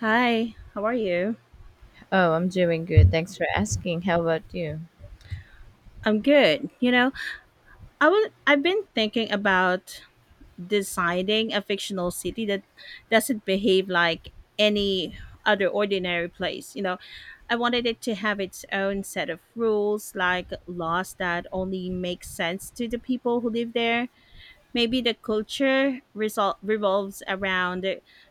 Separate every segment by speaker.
Speaker 1: Hi, how are you?
Speaker 2: Oh, I'm doing good. Thanks for asking. How about you?
Speaker 1: I'm good. I've been thinking about designing a fictional city that doesn't behave like any other ordinary place. You know, I wanted it to have its own set of rules, like laws that only make sense to the people who live there. Maybe the culture revolves around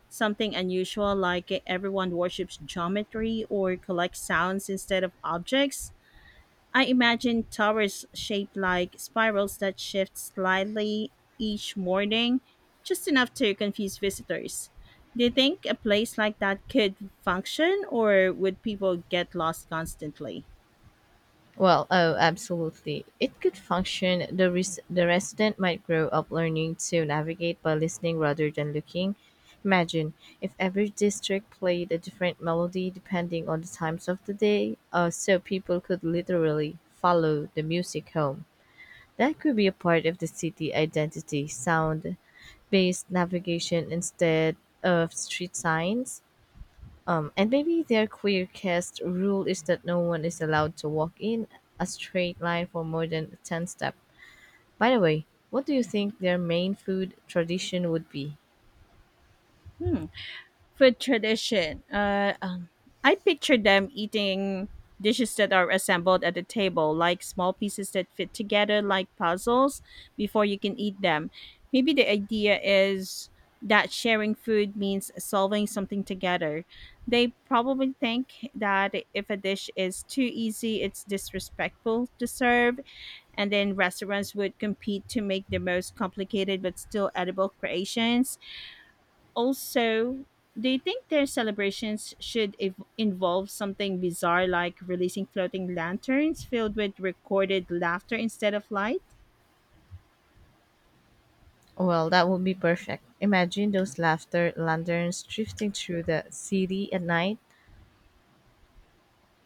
Speaker 1: something unusual, like everyone worships geometry or collects sounds instead of objects. I imagine towers shaped like spirals that shift slightly each morning, just enough to confuse visitors. Do you think a place like that could function, or would people get lost constantly?
Speaker 2: Oh, absolutely. It could function. The resident might grow up learning to navigate by listening rather than looking. Imagine if every district played a different melody depending on the times of the day, so people could literally follow the music home. That could be a part of the city identity sound based navigation instead of street signs. And maybe their queer cast rule is that no one is allowed to walk in a straight line for more than 10 steps. By the way, what do you think their main food tradition would be?
Speaker 1: Hmm. Food tradition. I picture them eating dishes that are assembled at the table, like small pieces that fit together like puzzles before you can eat them. Maybe the idea is that sharing food means solving something together. They probably think that if a dish is too easy, it's disrespectful to serve, and then restaurants would compete to make the most complicated but still edible creations. Also, do you think their celebrations should involve something bizarre, like releasing floating lanterns filled with recorded laughter instead of light?
Speaker 2: Well, that would be perfect. Imagine those laughter lanterns drifting through the city at night,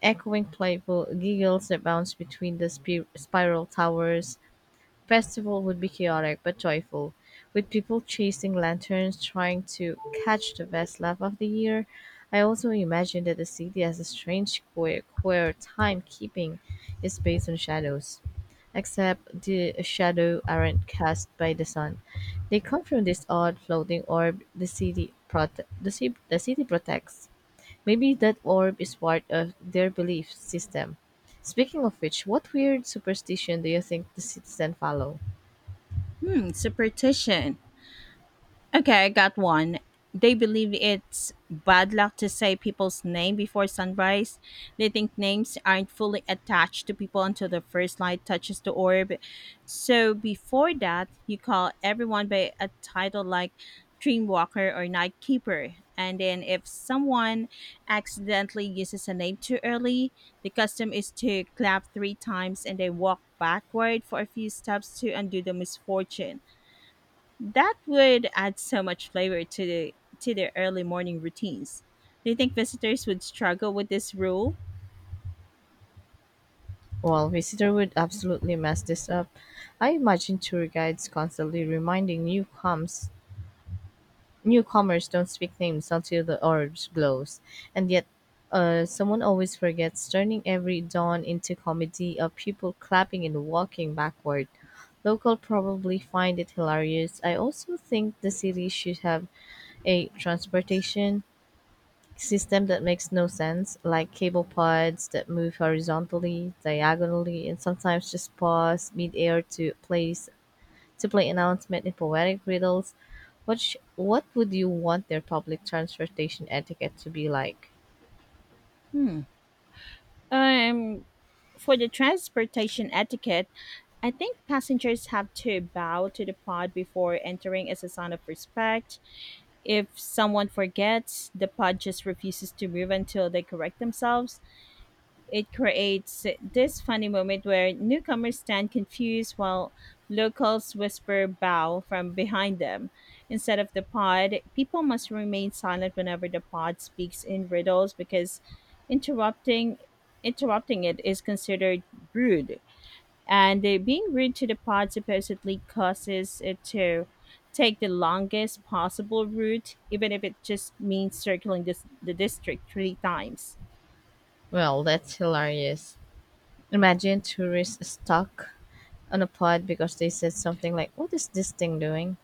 Speaker 2: echoing playful giggles that bounce between the spiral towers festival would be chaotic but joyful, with people chasing lanterns trying to catch the best laugh of the year. I also imagine that the city has a strange quirk where timekeeping is based on shadows. Except the shadow aren't cast by the sun. They come from this odd floating orb the city prote- the, ci- the city protects. Maybe that orb is part of their belief system. Speaking of which, what weird superstition do you think the citizen follow?
Speaker 1: Superstition. Okay, I got one. They believe it's bad luck to say people's name before sunrise. They think names aren't fully attached to people until the first light touches the orb. So before that, you call everyone by a title like Dreamwalker or Nightkeeper. And then if someone accidentally uses a name too early, the custom is to clap three times and they walk backward for a few steps to undo the misfortune. That would add so much flavor to the to their early morning routines. Do you think visitors would struggle with this rule?
Speaker 2: Well, visitor would absolutely mess this up. I imagine tour guides constantly reminding newcomes newcomers don't speak names until the orange glows, and yet someone always forgets, turning every dawn into comedy of people clapping and walking backward. Local probably find it hilarious. I also think the city should have a transportation system that makes no sense, like cable pods that move horizontally, diagonally, and sometimes just pause midair to place to play announcement in poetic riddles. What would you want their public transportation etiquette to be like?
Speaker 1: Hmm. Um, for the transportation etiquette, I think passengers have to bow to the pod before entering as a sign of respect. If someone forgets, the pod just refuses to move until they correct themselves. It creates this funny moment where newcomers stand confused while locals whisper bow from behind them. Instead of the pod, people must remain silent whenever the pod speaks in riddles, because interrupting interrupting it is considered rude. And being rude to the pod supposedly causes it to take the longest possible route, even if it just means circling the district three times.
Speaker 2: Well, that's hilarious. Imagine tourists stuck on a pod because they said something like, "What is this thing doing?"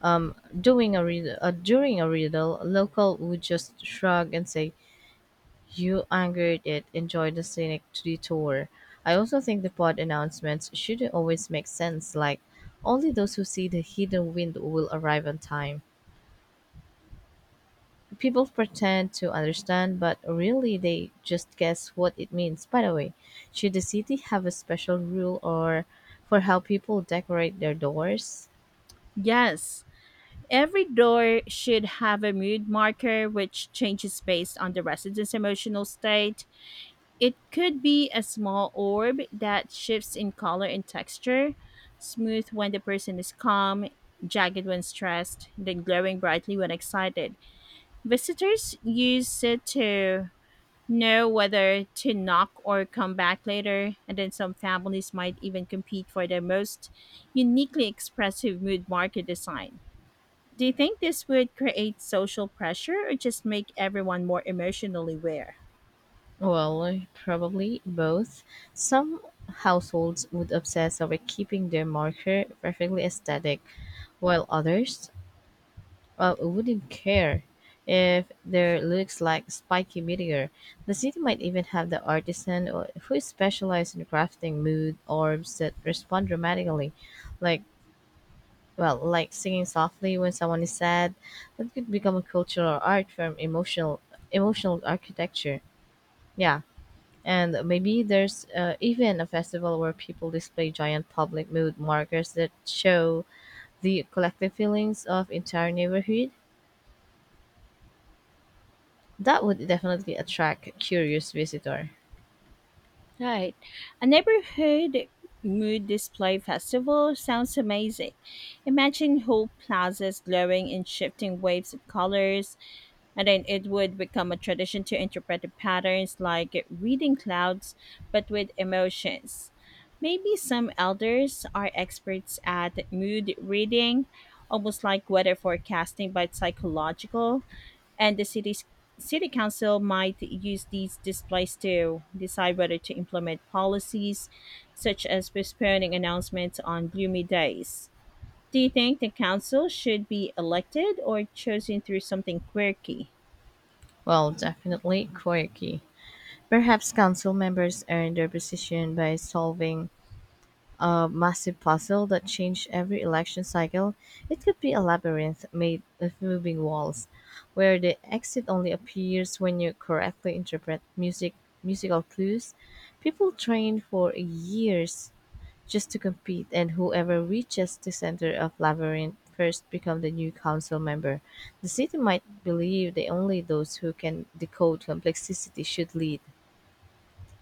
Speaker 2: Um, during a riddle, local would just shrug and say, "You angered it. Enjoy the scenic detour." I also think the pod announcements shouldn't always make sense, like only those who see the hidden wind will arrive on time. People pretend to understand, but really they just guess what it means. By the way, should the city have a special rule or for how people decorate their doors?
Speaker 1: Yes, every door should have a mood marker which changes based on the resident's emotional state. It could be a small orb that shifts in color and texture, smooth when the person is calm, jagged when stressed, then glowing brightly when excited. Visitors use it to know whether to knock or come back later, and then some families might even compete for the most uniquely expressive mood marker design. Do you think this would create social pressure or just make everyone more emotionally aware?
Speaker 2: Well, probably both. Some households would obsess over keeping their marker perfectly aesthetic, while others wouldn't care if there looks like spiky meteor. The city might even have the who specialize in crafting mood orbs that respond dramatically, like well, like singing softly when someone is sad. That could become a cultural art form, emotional architecture. Yeah. And maybe there's even a festival where people display giant public mood markers that show the collective feelings of entire neighborhood. That would definitely attract curious visitor.
Speaker 1: Right. A neighborhood mood display festival sounds amazing. Imagine whole plazas glowing in shifting waves of colors, and then it would become a tradition to interpret the patterns like reading clouds, but with emotions. Maybe some elders are experts at mood reading, almost like weather forecasting but psychological. And the city's city council might use these displays to decide whether to implement policies such as postponing announcements on gloomy days. Do you think the council should be elected or chosen through something quirky?
Speaker 2: Well, definitely quirky. Perhaps council members earned their position by solving a massive puzzle that changed every election cycle. It could be a labyrinth made of moving walls, where the exit only appears when you correctly interpret musical clues. People trained for years just to compete, and whoever reaches the center of Labyrinth first become the new council member. The city might believe that only those who can decode complexity should lead.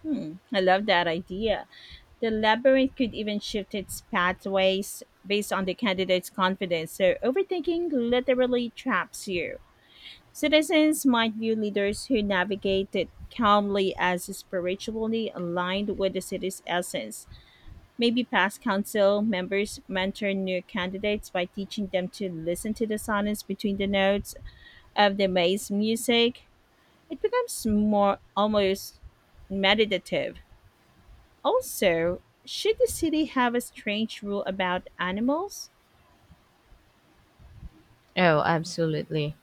Speaker 1: Hmm, I love that idea. The labyrinth could even shift its pathways based on the candidate's confidence, so overthinking literally traps you. Citizens might view leaders who navigate it calmly as spiritually aligned with the city's essence. Maybe past council members mentor new candidates by teaching them to listen to the silence between the notes of the maze music. It becomes more almost meditative. Also, should the city have a strange rule about animals?
Speaker 2: Oh, absolutely.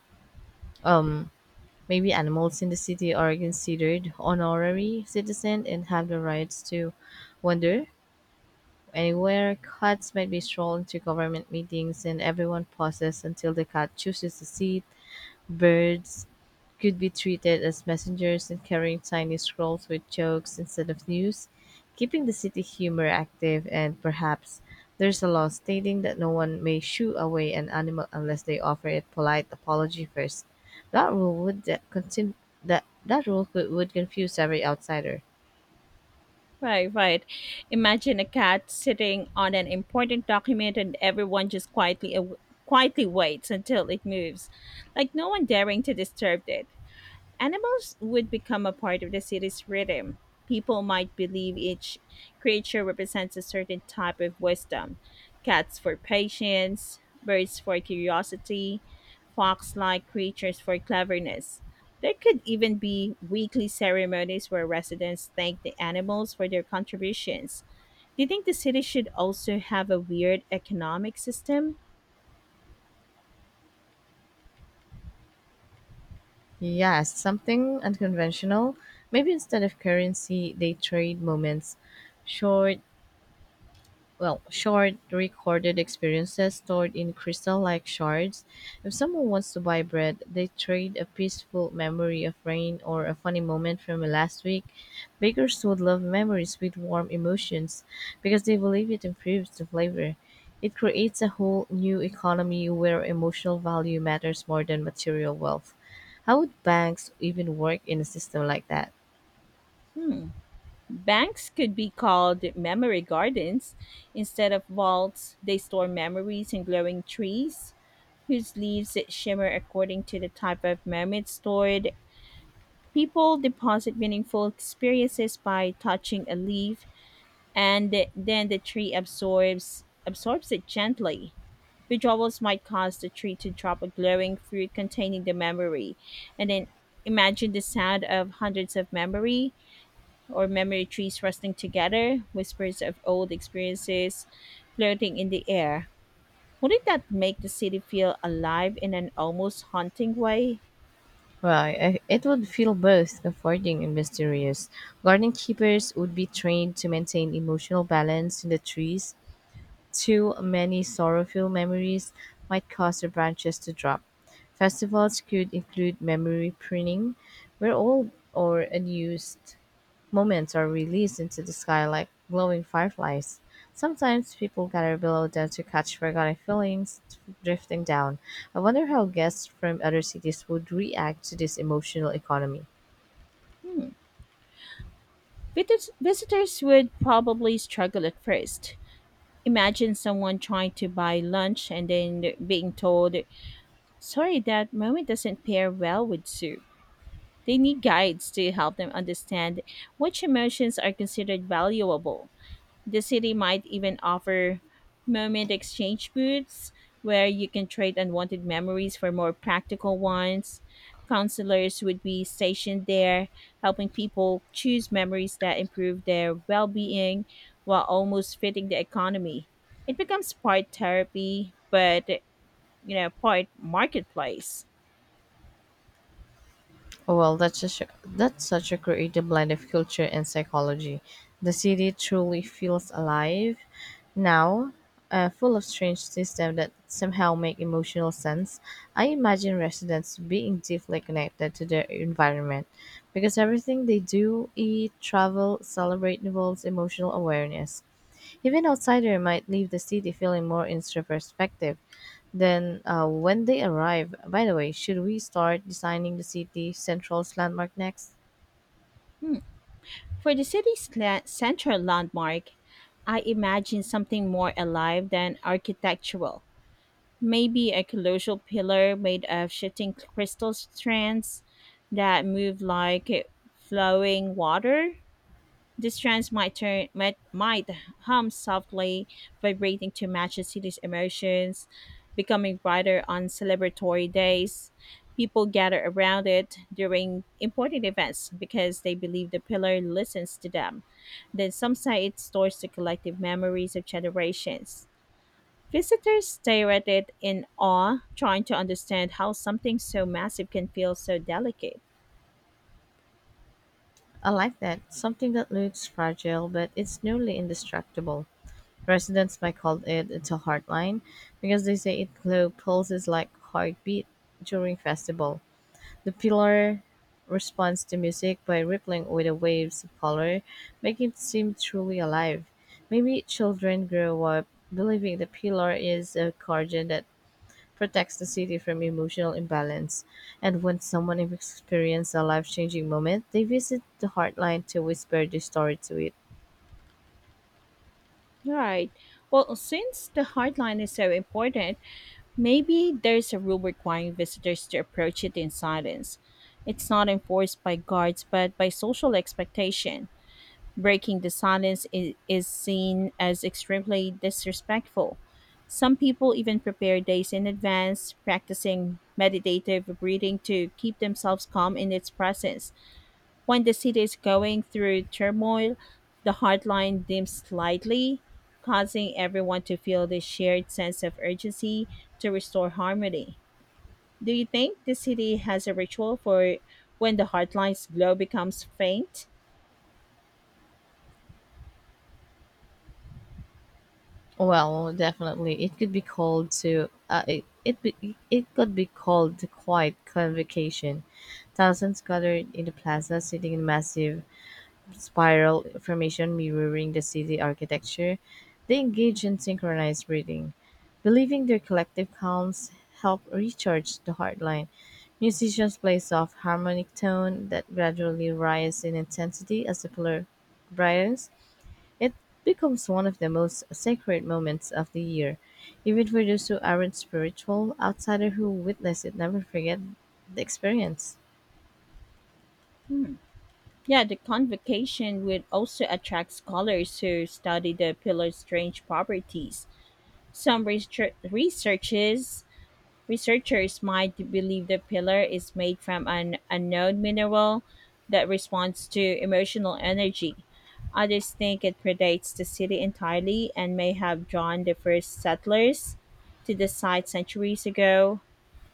Speaker 2: Um, Maybe animals in the city are considered honorary citizens and have the rights to wander anywhere. Cats might be strolled into government meetings, and everyone pauses until the cat chooses a seat. Birds could be treated as messengers and carrying tiny scrolls with jokes instead of news, keeping the city humor active, and perhaps there's a law stating that no one may shoo away an animal unless they offer it polite apology first. That rule would de- contin- that that rule would confuse every outsider.
Speaker 1: Right, right. Imagine a cat sitting on an important document and everyone just quietly waits until it moves, like no one daring to disturb it. Animals would become a part of the city's rhythm. People might believe each creature represents a certain type of wisdom: cats for patience, birds for curiosity, fox like creatures for cleverness. There could even be weekly ceremonies where residents thank the animals for their contributions. Do you think the city should also have a weird economic system?
Speaker 2: Yes, something unconventional. Maybe instead of currency, they trade moments, short short recorded experiences stored in crystal like shards. If someone wants to buy bread, they trade a peaceful memory of rain or a funny moment from last week. Bakers would love memories with warm emotions because they believe it improves the flavor. It creates a whole new economy where emotional value matters more than material wealth. How would banks even work in a system like that?
Speaker 1: Hmm. Banks could be called memory gardens. Instead of vaults, they store memories in glowing trees whose leaves shimmer according to the type of memory stored. People deposit meaningful experiences by touching a leaf, and then the tree absorbs it gently. Withdrawals might cause the tree to drop a glowing fruit containing the memory, and then imagine the sound of hundreds of memory trees rustling together, whispers of old experiences floating in the air. Wouldn't that make the city feel alive in an almost haunting way?
Speaker 2: Right. It would feel both comforting and mysterious. Garden keepers would be trained to maintain emotional balance in the trees, too many sorrowful memories might cause the branches to drop. Festivals could include memory printing, where old or unused moments are released into the sky like glowing fireflies. Sometimes people gather below them to catch forgotten feelings drifting down. I wonder how guests from other cities would react to this emotional economy.
Speaker 1: Visitors would probably struggle at first. Imagine someone trying to buy lunch and then being told, sorry, that moment doesn't pair well with soup. They need guides to help them understand which emotions are considered valuable. The city might even offer moment exchange booths where you can trade unwanted memories for more practical ones. Counselors would be stationed there, helping people choose memories that improve their well being while almost fitting the economy. It becomes part therapy, but part marketplace.
Speaker 2: Oh, well, that's such a creative blend of culture and psychology. The city truly feels alive now, full of strange systems that somehow make emotional sense. I imagine residents being deeply connected to their environment because everything they do, eat, travel, celebrate involves emotional awareness. Even outsiders might leave the city feeling more introspective than when they arrive. By the way, should we start designing the city central's landmark next?
Speaker 1: Hmm. For the central landmark, I imagine something more alive than architectural. Maybe a colossal pillar made of shifting crystal strands that move like flowing water. These strands might hum softly, vibrating to match the city's emotions, becoming brighter on celebratory days. People gather around it during important events because they believe the pillar listens to them. Then some say it stores the collective memories of generations. Visitors stare at it in awe, trying to understand how something so massive can feel so delicate.
Speaker 2: I like that. Something that looks fragile, but it's nearly indestructible. Residents might call it a hardline because they say it glow pulses like heartbeat during festival. The pillar responds to music by rippling with the waves of color, making it seem truly alive. Maybe children grow up believing the pillar is a guardian that protects the city from emotional imbalance. And when someone experiences a life changing moment, they visit the heartline to whisper the story to it.
Speaker 1: Right. Well, since the hardline is so important, maybe there's a rule requiring visitors to approach it in silence. It's not enforced by guards, but by social expectation. Breaking the silence is seen as extremely disrespectful. Some people even prepare days in advance, practicing meditative breathing to keep themselves calm in its presence. When the city is going through turmoil, the hotline dims slightly, causing everyone to feel this shared sense of urgency to restore harmony. Do you think the city has a ritual for when the hotline's glow becomes faint?
Speaker 2: Well, definitely, it could be called to it it, be, it could be called the quiet convocation. Thousands gathered in the plaza, sitting in massive spiral formation mirroring the city architecture, they engage in synchronized breathing, believing their collective calms help recharge the heartline. Musicians play soft harmonic tone that gradually rise in intensity as the pillar brightens. It becomes one of the most sacred moments of the year. Even for those who aren't spiritual, outsiders who witness it never forget the experience.
Speaker 1: Yeah, the convocation would also attract scholars who study the pillar's strange properties. Some research- researchers Researchers might believe the pillar is made from an unknown mineral that responds to emotional energy. Others think it predates the city entirely and may have drawn the first settlers to the site centuries ago.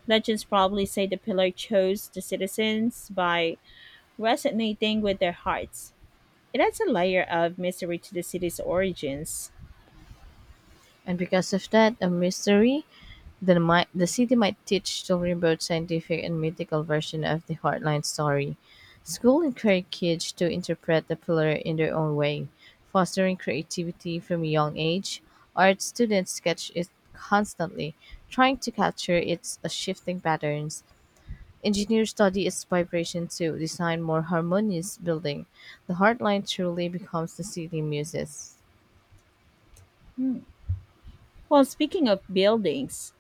Speaker 1: Legends probably say the pillar chose the citizens by resonating with their hearts. It adds a layer of mystery to the city's origins.
Speaker 2: And because of that, a mystery, the city might teach children both scientific and mythical version of the Heartland story. School encourage kids to interpret the pillar in their own way, fostering creativity from a young age. Art students sketch it constantly, trying to capture its shifting patterns. Engineers study its vibration to design more harmonious building. The Heartline truly becomes the city muses.
Speaker 1: Hmm. Well, speaking of buildings,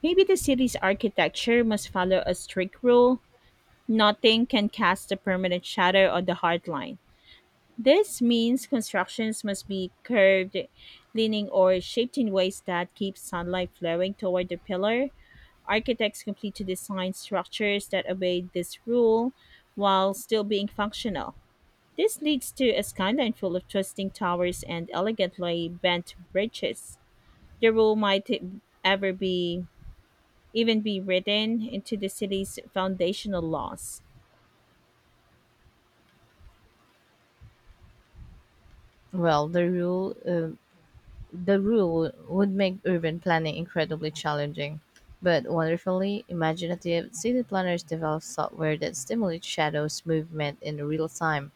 Speaker 1: maybe the city's architecture must follow a strict rule: nothing can cast a permanent shadow on the hardline. This means constructions must be curved, leaning, or shaped in ways that keep sunlight flowing toward the pillar. Architects complete to design structures that obey this rule while still being functional. This leads to a skyline full of twisting towers and elegantly bent bridges. The rule might ever be even be written into the city's foundational laws?
Speaker 2: Well, the rule would make urban planning incredibly challenging, but wonderfully imaginative city planners develop software that stimulates shadows movement in real time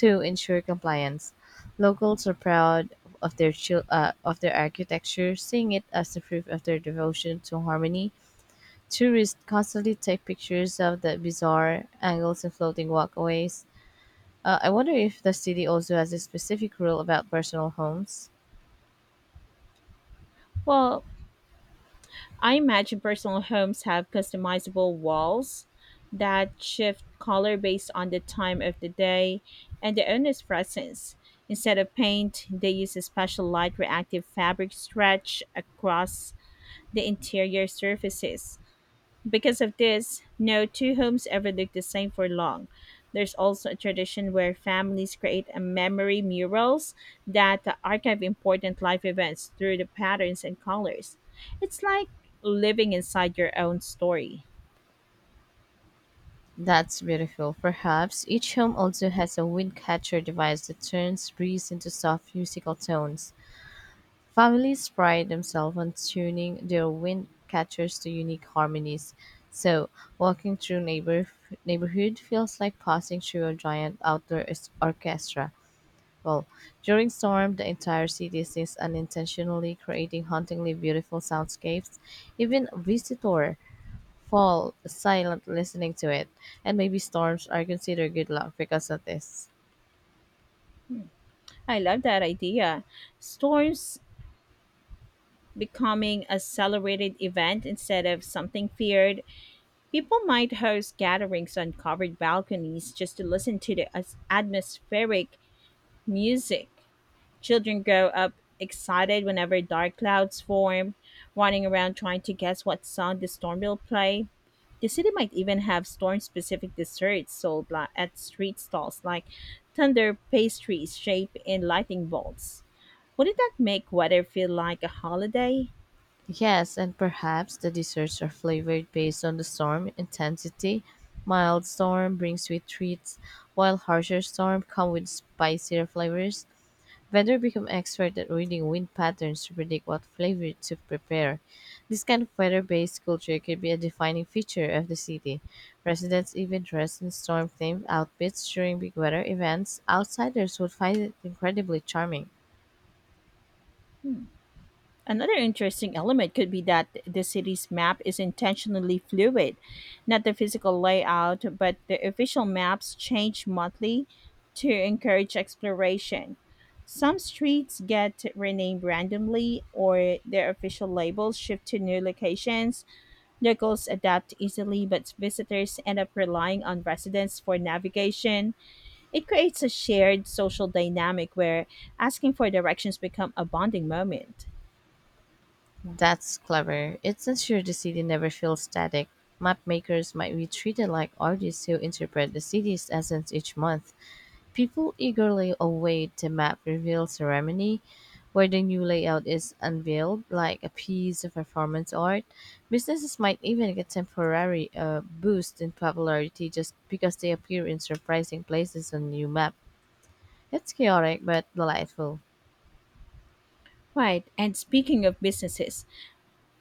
Speaker 2: to ensure compliance. Locals are proud of their architecture, seeing it as a proof of their devotion to harmony. Tourists constantly take pictures of the bizarre angles and floating walkways. I wonder if the city also has a specific rule about personal homes.
Speaker 1: Well, I imagine personal homes have customizable walls that shift color based on the time of the day and the owner's presence. Instead of paint, they use a special light reactive fabric stretched across the interior surfaces. Because of this, no two homes ever look the same for long. There's also a tradition where families create a memory murals that archive important life events through the patterns and colors. It's like living inside your own story.
Speaker 2: That's beautiful. Perhaps each home also has a wind catcher device that turns breeze into soft musical tones. Families pride themselves on tuning their wind catchers to unique harmonies. So, walking through neighborhood feels like passing through a giant orchestra. Well, during storm, the entire city is unintentionally creating hauntingly beautiful soundscapes. Even a visitor fall silent listening to it, and maybe storms are considered good luck because of this.
Speaker 1: I love that idea. Storms becoming a celebrated event instead of something feared. People might host gatherings on covered balconies just to listen to the atmospheric music. Children grow up excited whenever dark clouds form, running around trying to guess what song the storm will play. The city might even have storm specific desserts sold at street stalls like thunder pastries shaped in lightning bolts. Wouldn't that make weather feel like a holiday?
Speaker 2: Yes, and perhaps the desserts are flavored based on the storm intensity. Mild storm brings sweet treats, while harsher storm come with spicier flavors. Vendors become expert at reading wind patterns to predict what flavor to prepare. This kind of weather-based culture could be a defining feature of the city. Residents even dress in storm-themed outfits during big weather events. Outsiders would find it incredibly charming.
Speaker 1: Another interesting element could be that the city's map is intentionally fluid, not the physical layout, but the official maps change monthly to encourage exploration. Some streets get renamed randomly, or their official labels shift to new locations. Locals adapt easily, but visitors end up relying on residents for navigation. It creates a shared social dynamic where asking for directions become a bonding moment.
Speaker 2: That's clever. It's ensure the city never feels static. Map makers might be treated like artists who interpret the city's essence each month. People eagerly await the map reveal ceremony, where the new layout is unveiled like a piece of performance art. Businesses might even get temporary boost in popularity just because they appear in surprising places on new map. It's chaotic but delightful.
Speaker 1: Right, and speaking of businesses,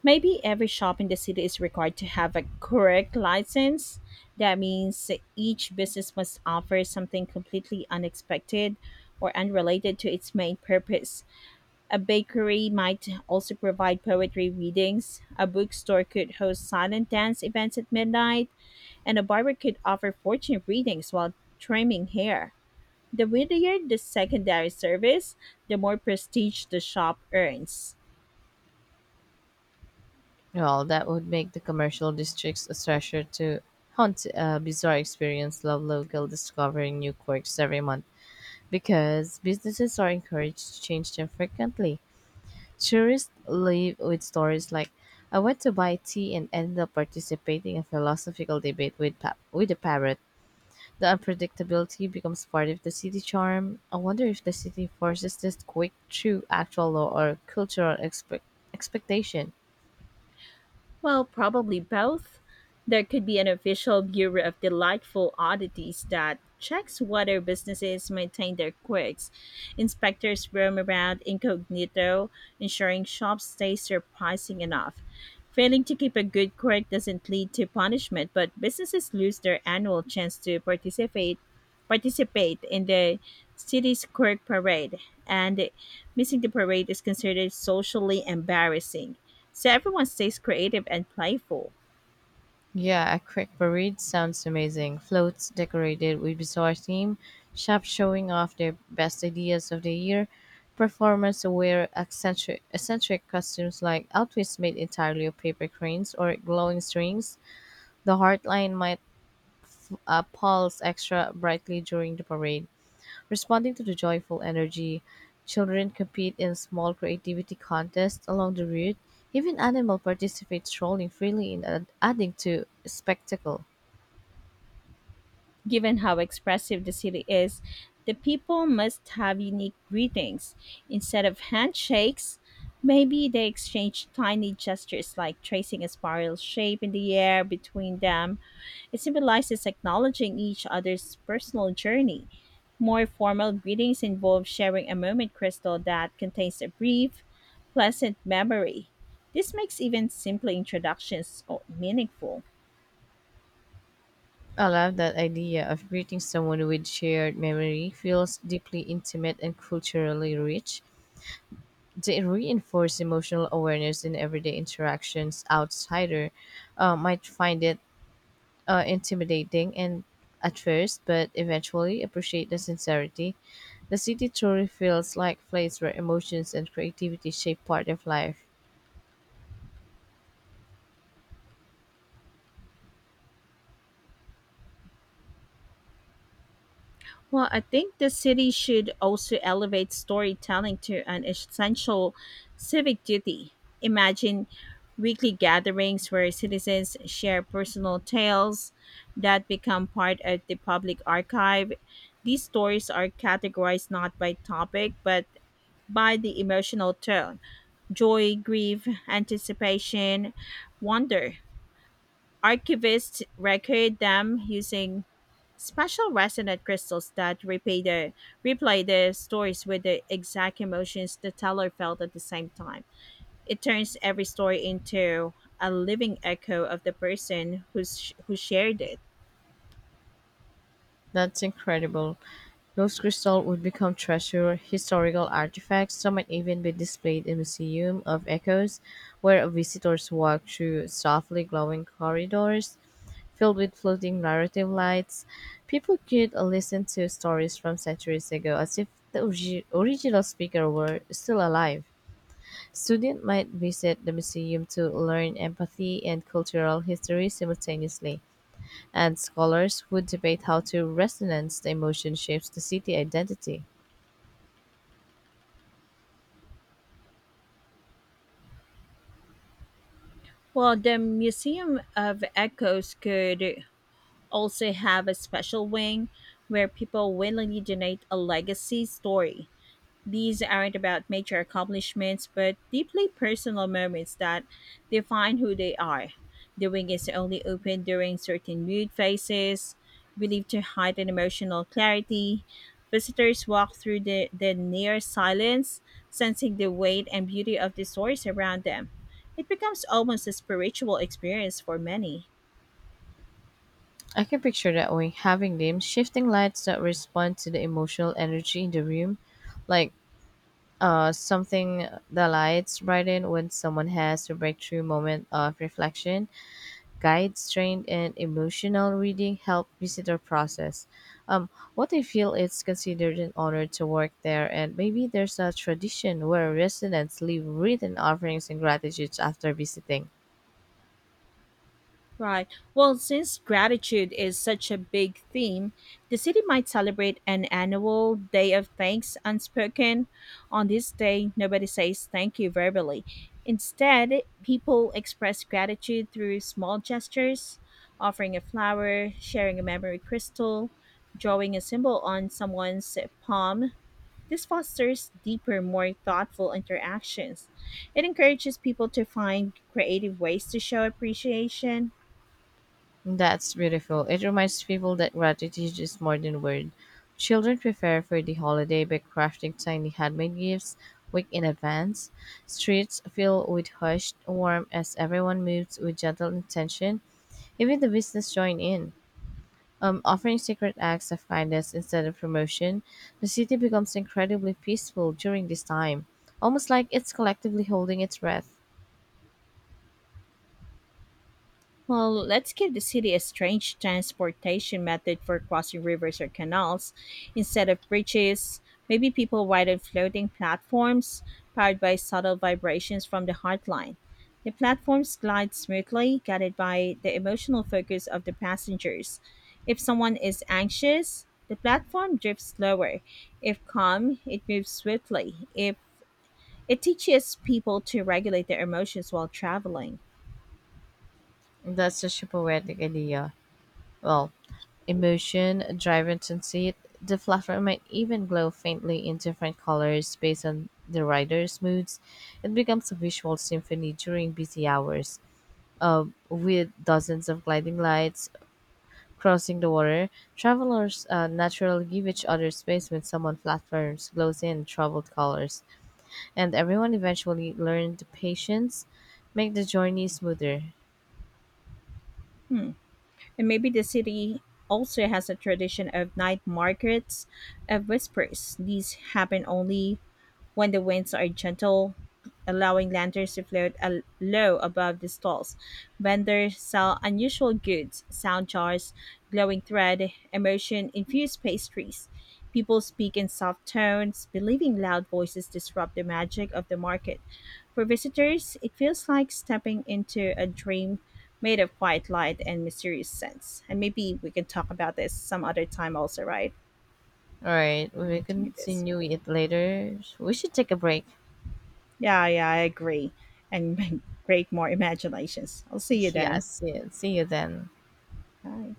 Speaker 1: maybe every shop in the city is required to have a correct license. That means each business must offer something completely unexpected or unrelated to its main purpose. A bakery might also provide poetry readings, a bookstore could host silent dance events at midnight, and a barber could offer fortune readings while trimming hair. The weirder the secondary service, the more prestige the shop earns.
Speaker 2: Well, that would make the commercial districts a treasure to hunt. A bizarre experience. Love local discovering new quirks every month because businesses are encouraged to change them frequently. Tourists leave with stories like, "I went to buy tea and ended up participating in a philosophical debate with, with a parrot." The unpredictability becomes part of the city charm. I wonder if the city forces this quick through actual law or cultural expectation.
Speaker 1: Well, probably both. There could be an official Bureau of Delightful Oddities that checks whether businesses maintain their quirks. Inspectors roam around incognito, ensuring shops stay surprising enough. Failing to keep a good quirk doesn't lead to punishment, but businesses lose their annual chance to participate in the city's quirk parade, and missing the parade is considered socially embarrassing. So everyone stays creative and playful.
Speaker 2: Yeah, a quick parade sounds amazing. Floats decorated with bizarre theme, shops showing off their best ideas of the year, performers wear eccentric costumes like outfits made entirely of paper cranes or glowing strings. The Heartline might pulse extra brightly during the parade, responding to the joyful energy. Children compete in small creativity contests along the route. Even animals participate strolling freely and adding to spectacle.
Speaker 1: Given how expressive the city is, the people must have unique greetings. Instead of handshakes, maybe they exchange tiny gestures like tracing a spiral shape in the air between them. It symbolizes acknowledging each other's personal journey. More formal greetings involve sharing a moment crystal that contains a brief, pleasant memory. This makes even simple introductions meaningful.
Speaker 2: I love that idea of greeting someone with shared memory feels deeply intimate and culturally rich. They reinforce emotional awareness in everyday interactions. Outsider might find it intimidating and at first, but eventually appreciate the sincerity. The city truly feels like place where emotions and creativity shape part of life.
Speaker 1: Well, I think the city should also elevate storytelling to an essential civic duty. Imagine weekly gatherings where citizens share personal tales that become part of the public archive. These stories are categorized not by topic, but by the emotional tone: joy, grief, anticipation, wonder. Archivists record them using special resonant crystals that repay the replay the stories with the exact emotions the teller felt at the same time. It turns every story into a living echo of who shared it.
Speaker 2: That's incredible. Those crystals would become treasure, historical artifacts. Some might even be displayed in Museum of Echoes, where visitors walk through softly glowing corridors filled with floating narrative lights. People could listen to stories from centuries ago as if the original speaker were still alive. Students might visit the museum to learn empathy and cultural history simultaneously and scholars would debate how to resonance the emotion shapes the city identity.
Speaker 1: Well, the Museum of Echoes could also have a special wing where people willingly donate a legacy story. These aren't about major accomplishments, but deeply personal moments that define who they are. The wing is only open during certain mood phases, believed to heighten emotional clarity. Visitors walk through the near silence, sensing the weight and beauty of the stories around them. It becomes almost a spiritual experience for many.
Speaker 2: I can picture that we having them shifting lights that respond to the emotional energy in the room, like something the lights brighten when someone has a breakthrough moment of reflection. Guides trained in emotional reading help visitor process. Um, what I feel it's considered an honor to work there, and maybe there's a tradition where residents leave written offerings and gratitudes after visiting.
Speaker 1: Right. Well, since gratitude is such a big theme, the city might celebrate an annual Day of Thanks Unspoken. On this day, nobody says thank you verbally. Instead, people express gratitude through small gestures, offering a flower, sharing a memory crystal, drawing a symbol on someone's palm. This fosters deeper, more thoughtful interactions. It encourages people to find creative ways to show appreciation.
Speaker 2: That's beautiful. It reminds people that gratitude is more than word. Children prepare for the holiday by crafting tiny handmade gifts week in advance. Streets fill with hushed warmth as everyone moves with gentle intention. Even the business join in. Offering secret acts of kindness instead of promotion, the city becomes incredibly peaceful during this time, almost like it's collectively holding its breath.
Speaker 1: Well, let's give the city a strange transportation method for crossing rivers or canals. Instead of bridges, maybe people ride on floating platforms powered by subtle vibrations from the heartline. The platforms glide smoothly, guided by the emotional focus of the passengers. If someone is anxious, the platform drifts lower. If calm, it moves swiftly. If it teaches people to regulate their emotions while traveling.
Speaker 2: That's such a poetic idea. Well, emotion, drive, intensity, the platform might even glow faintly in different colors based on the rider's moods. It becomes a visual symphony during busy hours. With dozens of gliding lights crossing the water, travelers naturally give each other space when someone platforms glows in troubled colors, and everyone eventually learned patience, make the journey smoother.
Speaker 1: Hmm. And maybe the city also has a tradition of night markets of whispers. These happen only when the winds are gentle, allowing lanterns to float low above the stalls. Vendors sell unusual goods, sound jars, glowing thread, emotion infused pastries. People speak in soft tones, believing loud voices disrupt the magic of the market. For visitors, it feels like stepping into a dream made of quiet light and mysterious scents. And maybe we can talk about this some other time, also, right?
Speaker 2: All right, we
Speaker 1: And
Speaker 2: will
Speaker 1: continue this.
Speaker 2: continue it later. We should take a break.
Speaker 1: Yeah, yeah, I agree. And create more imaginations. I'll see you
Speaker 2: Yeah,
Speaker 1: then.
Speaker 2: see you then.
Speaker 1: Bye.